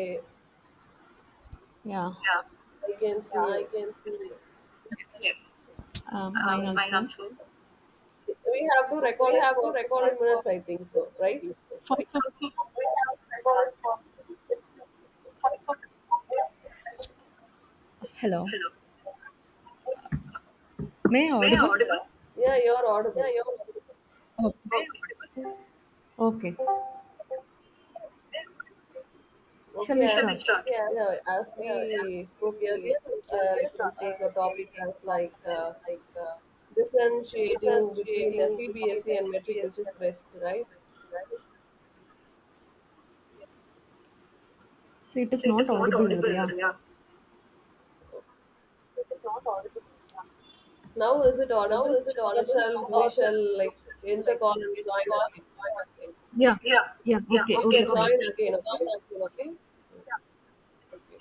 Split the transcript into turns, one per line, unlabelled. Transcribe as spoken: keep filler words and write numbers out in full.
Okay,
Yeah,
yeah. I can see you. Yes.
um, mine
Um, mine
also.
also. We have to record it for fifteen minutes, I think so, right?
For, for,
Okay.
hello,
Hello.
may I
May I
audible?
audible?
Hello.
Yeah, you're audible.
Oh,
Okay.
okay. Shall
Okay,
we
shall we
start?
as start? Yeah, as we spoke earlier, uh, we can take a topic as like uh, differentiating between a C B S E and metric, which is best, right?
So it is
So it
not
is not
audible,
audible,
Ria.
Ria. Now, is it audible, or shall we shall like end the call and join again?
Yeah,
Yeah,
yeah.
yeah,
Okay,
you okay,
okay,
can okay.
fine.
Join ahead. Again, okay? Okay.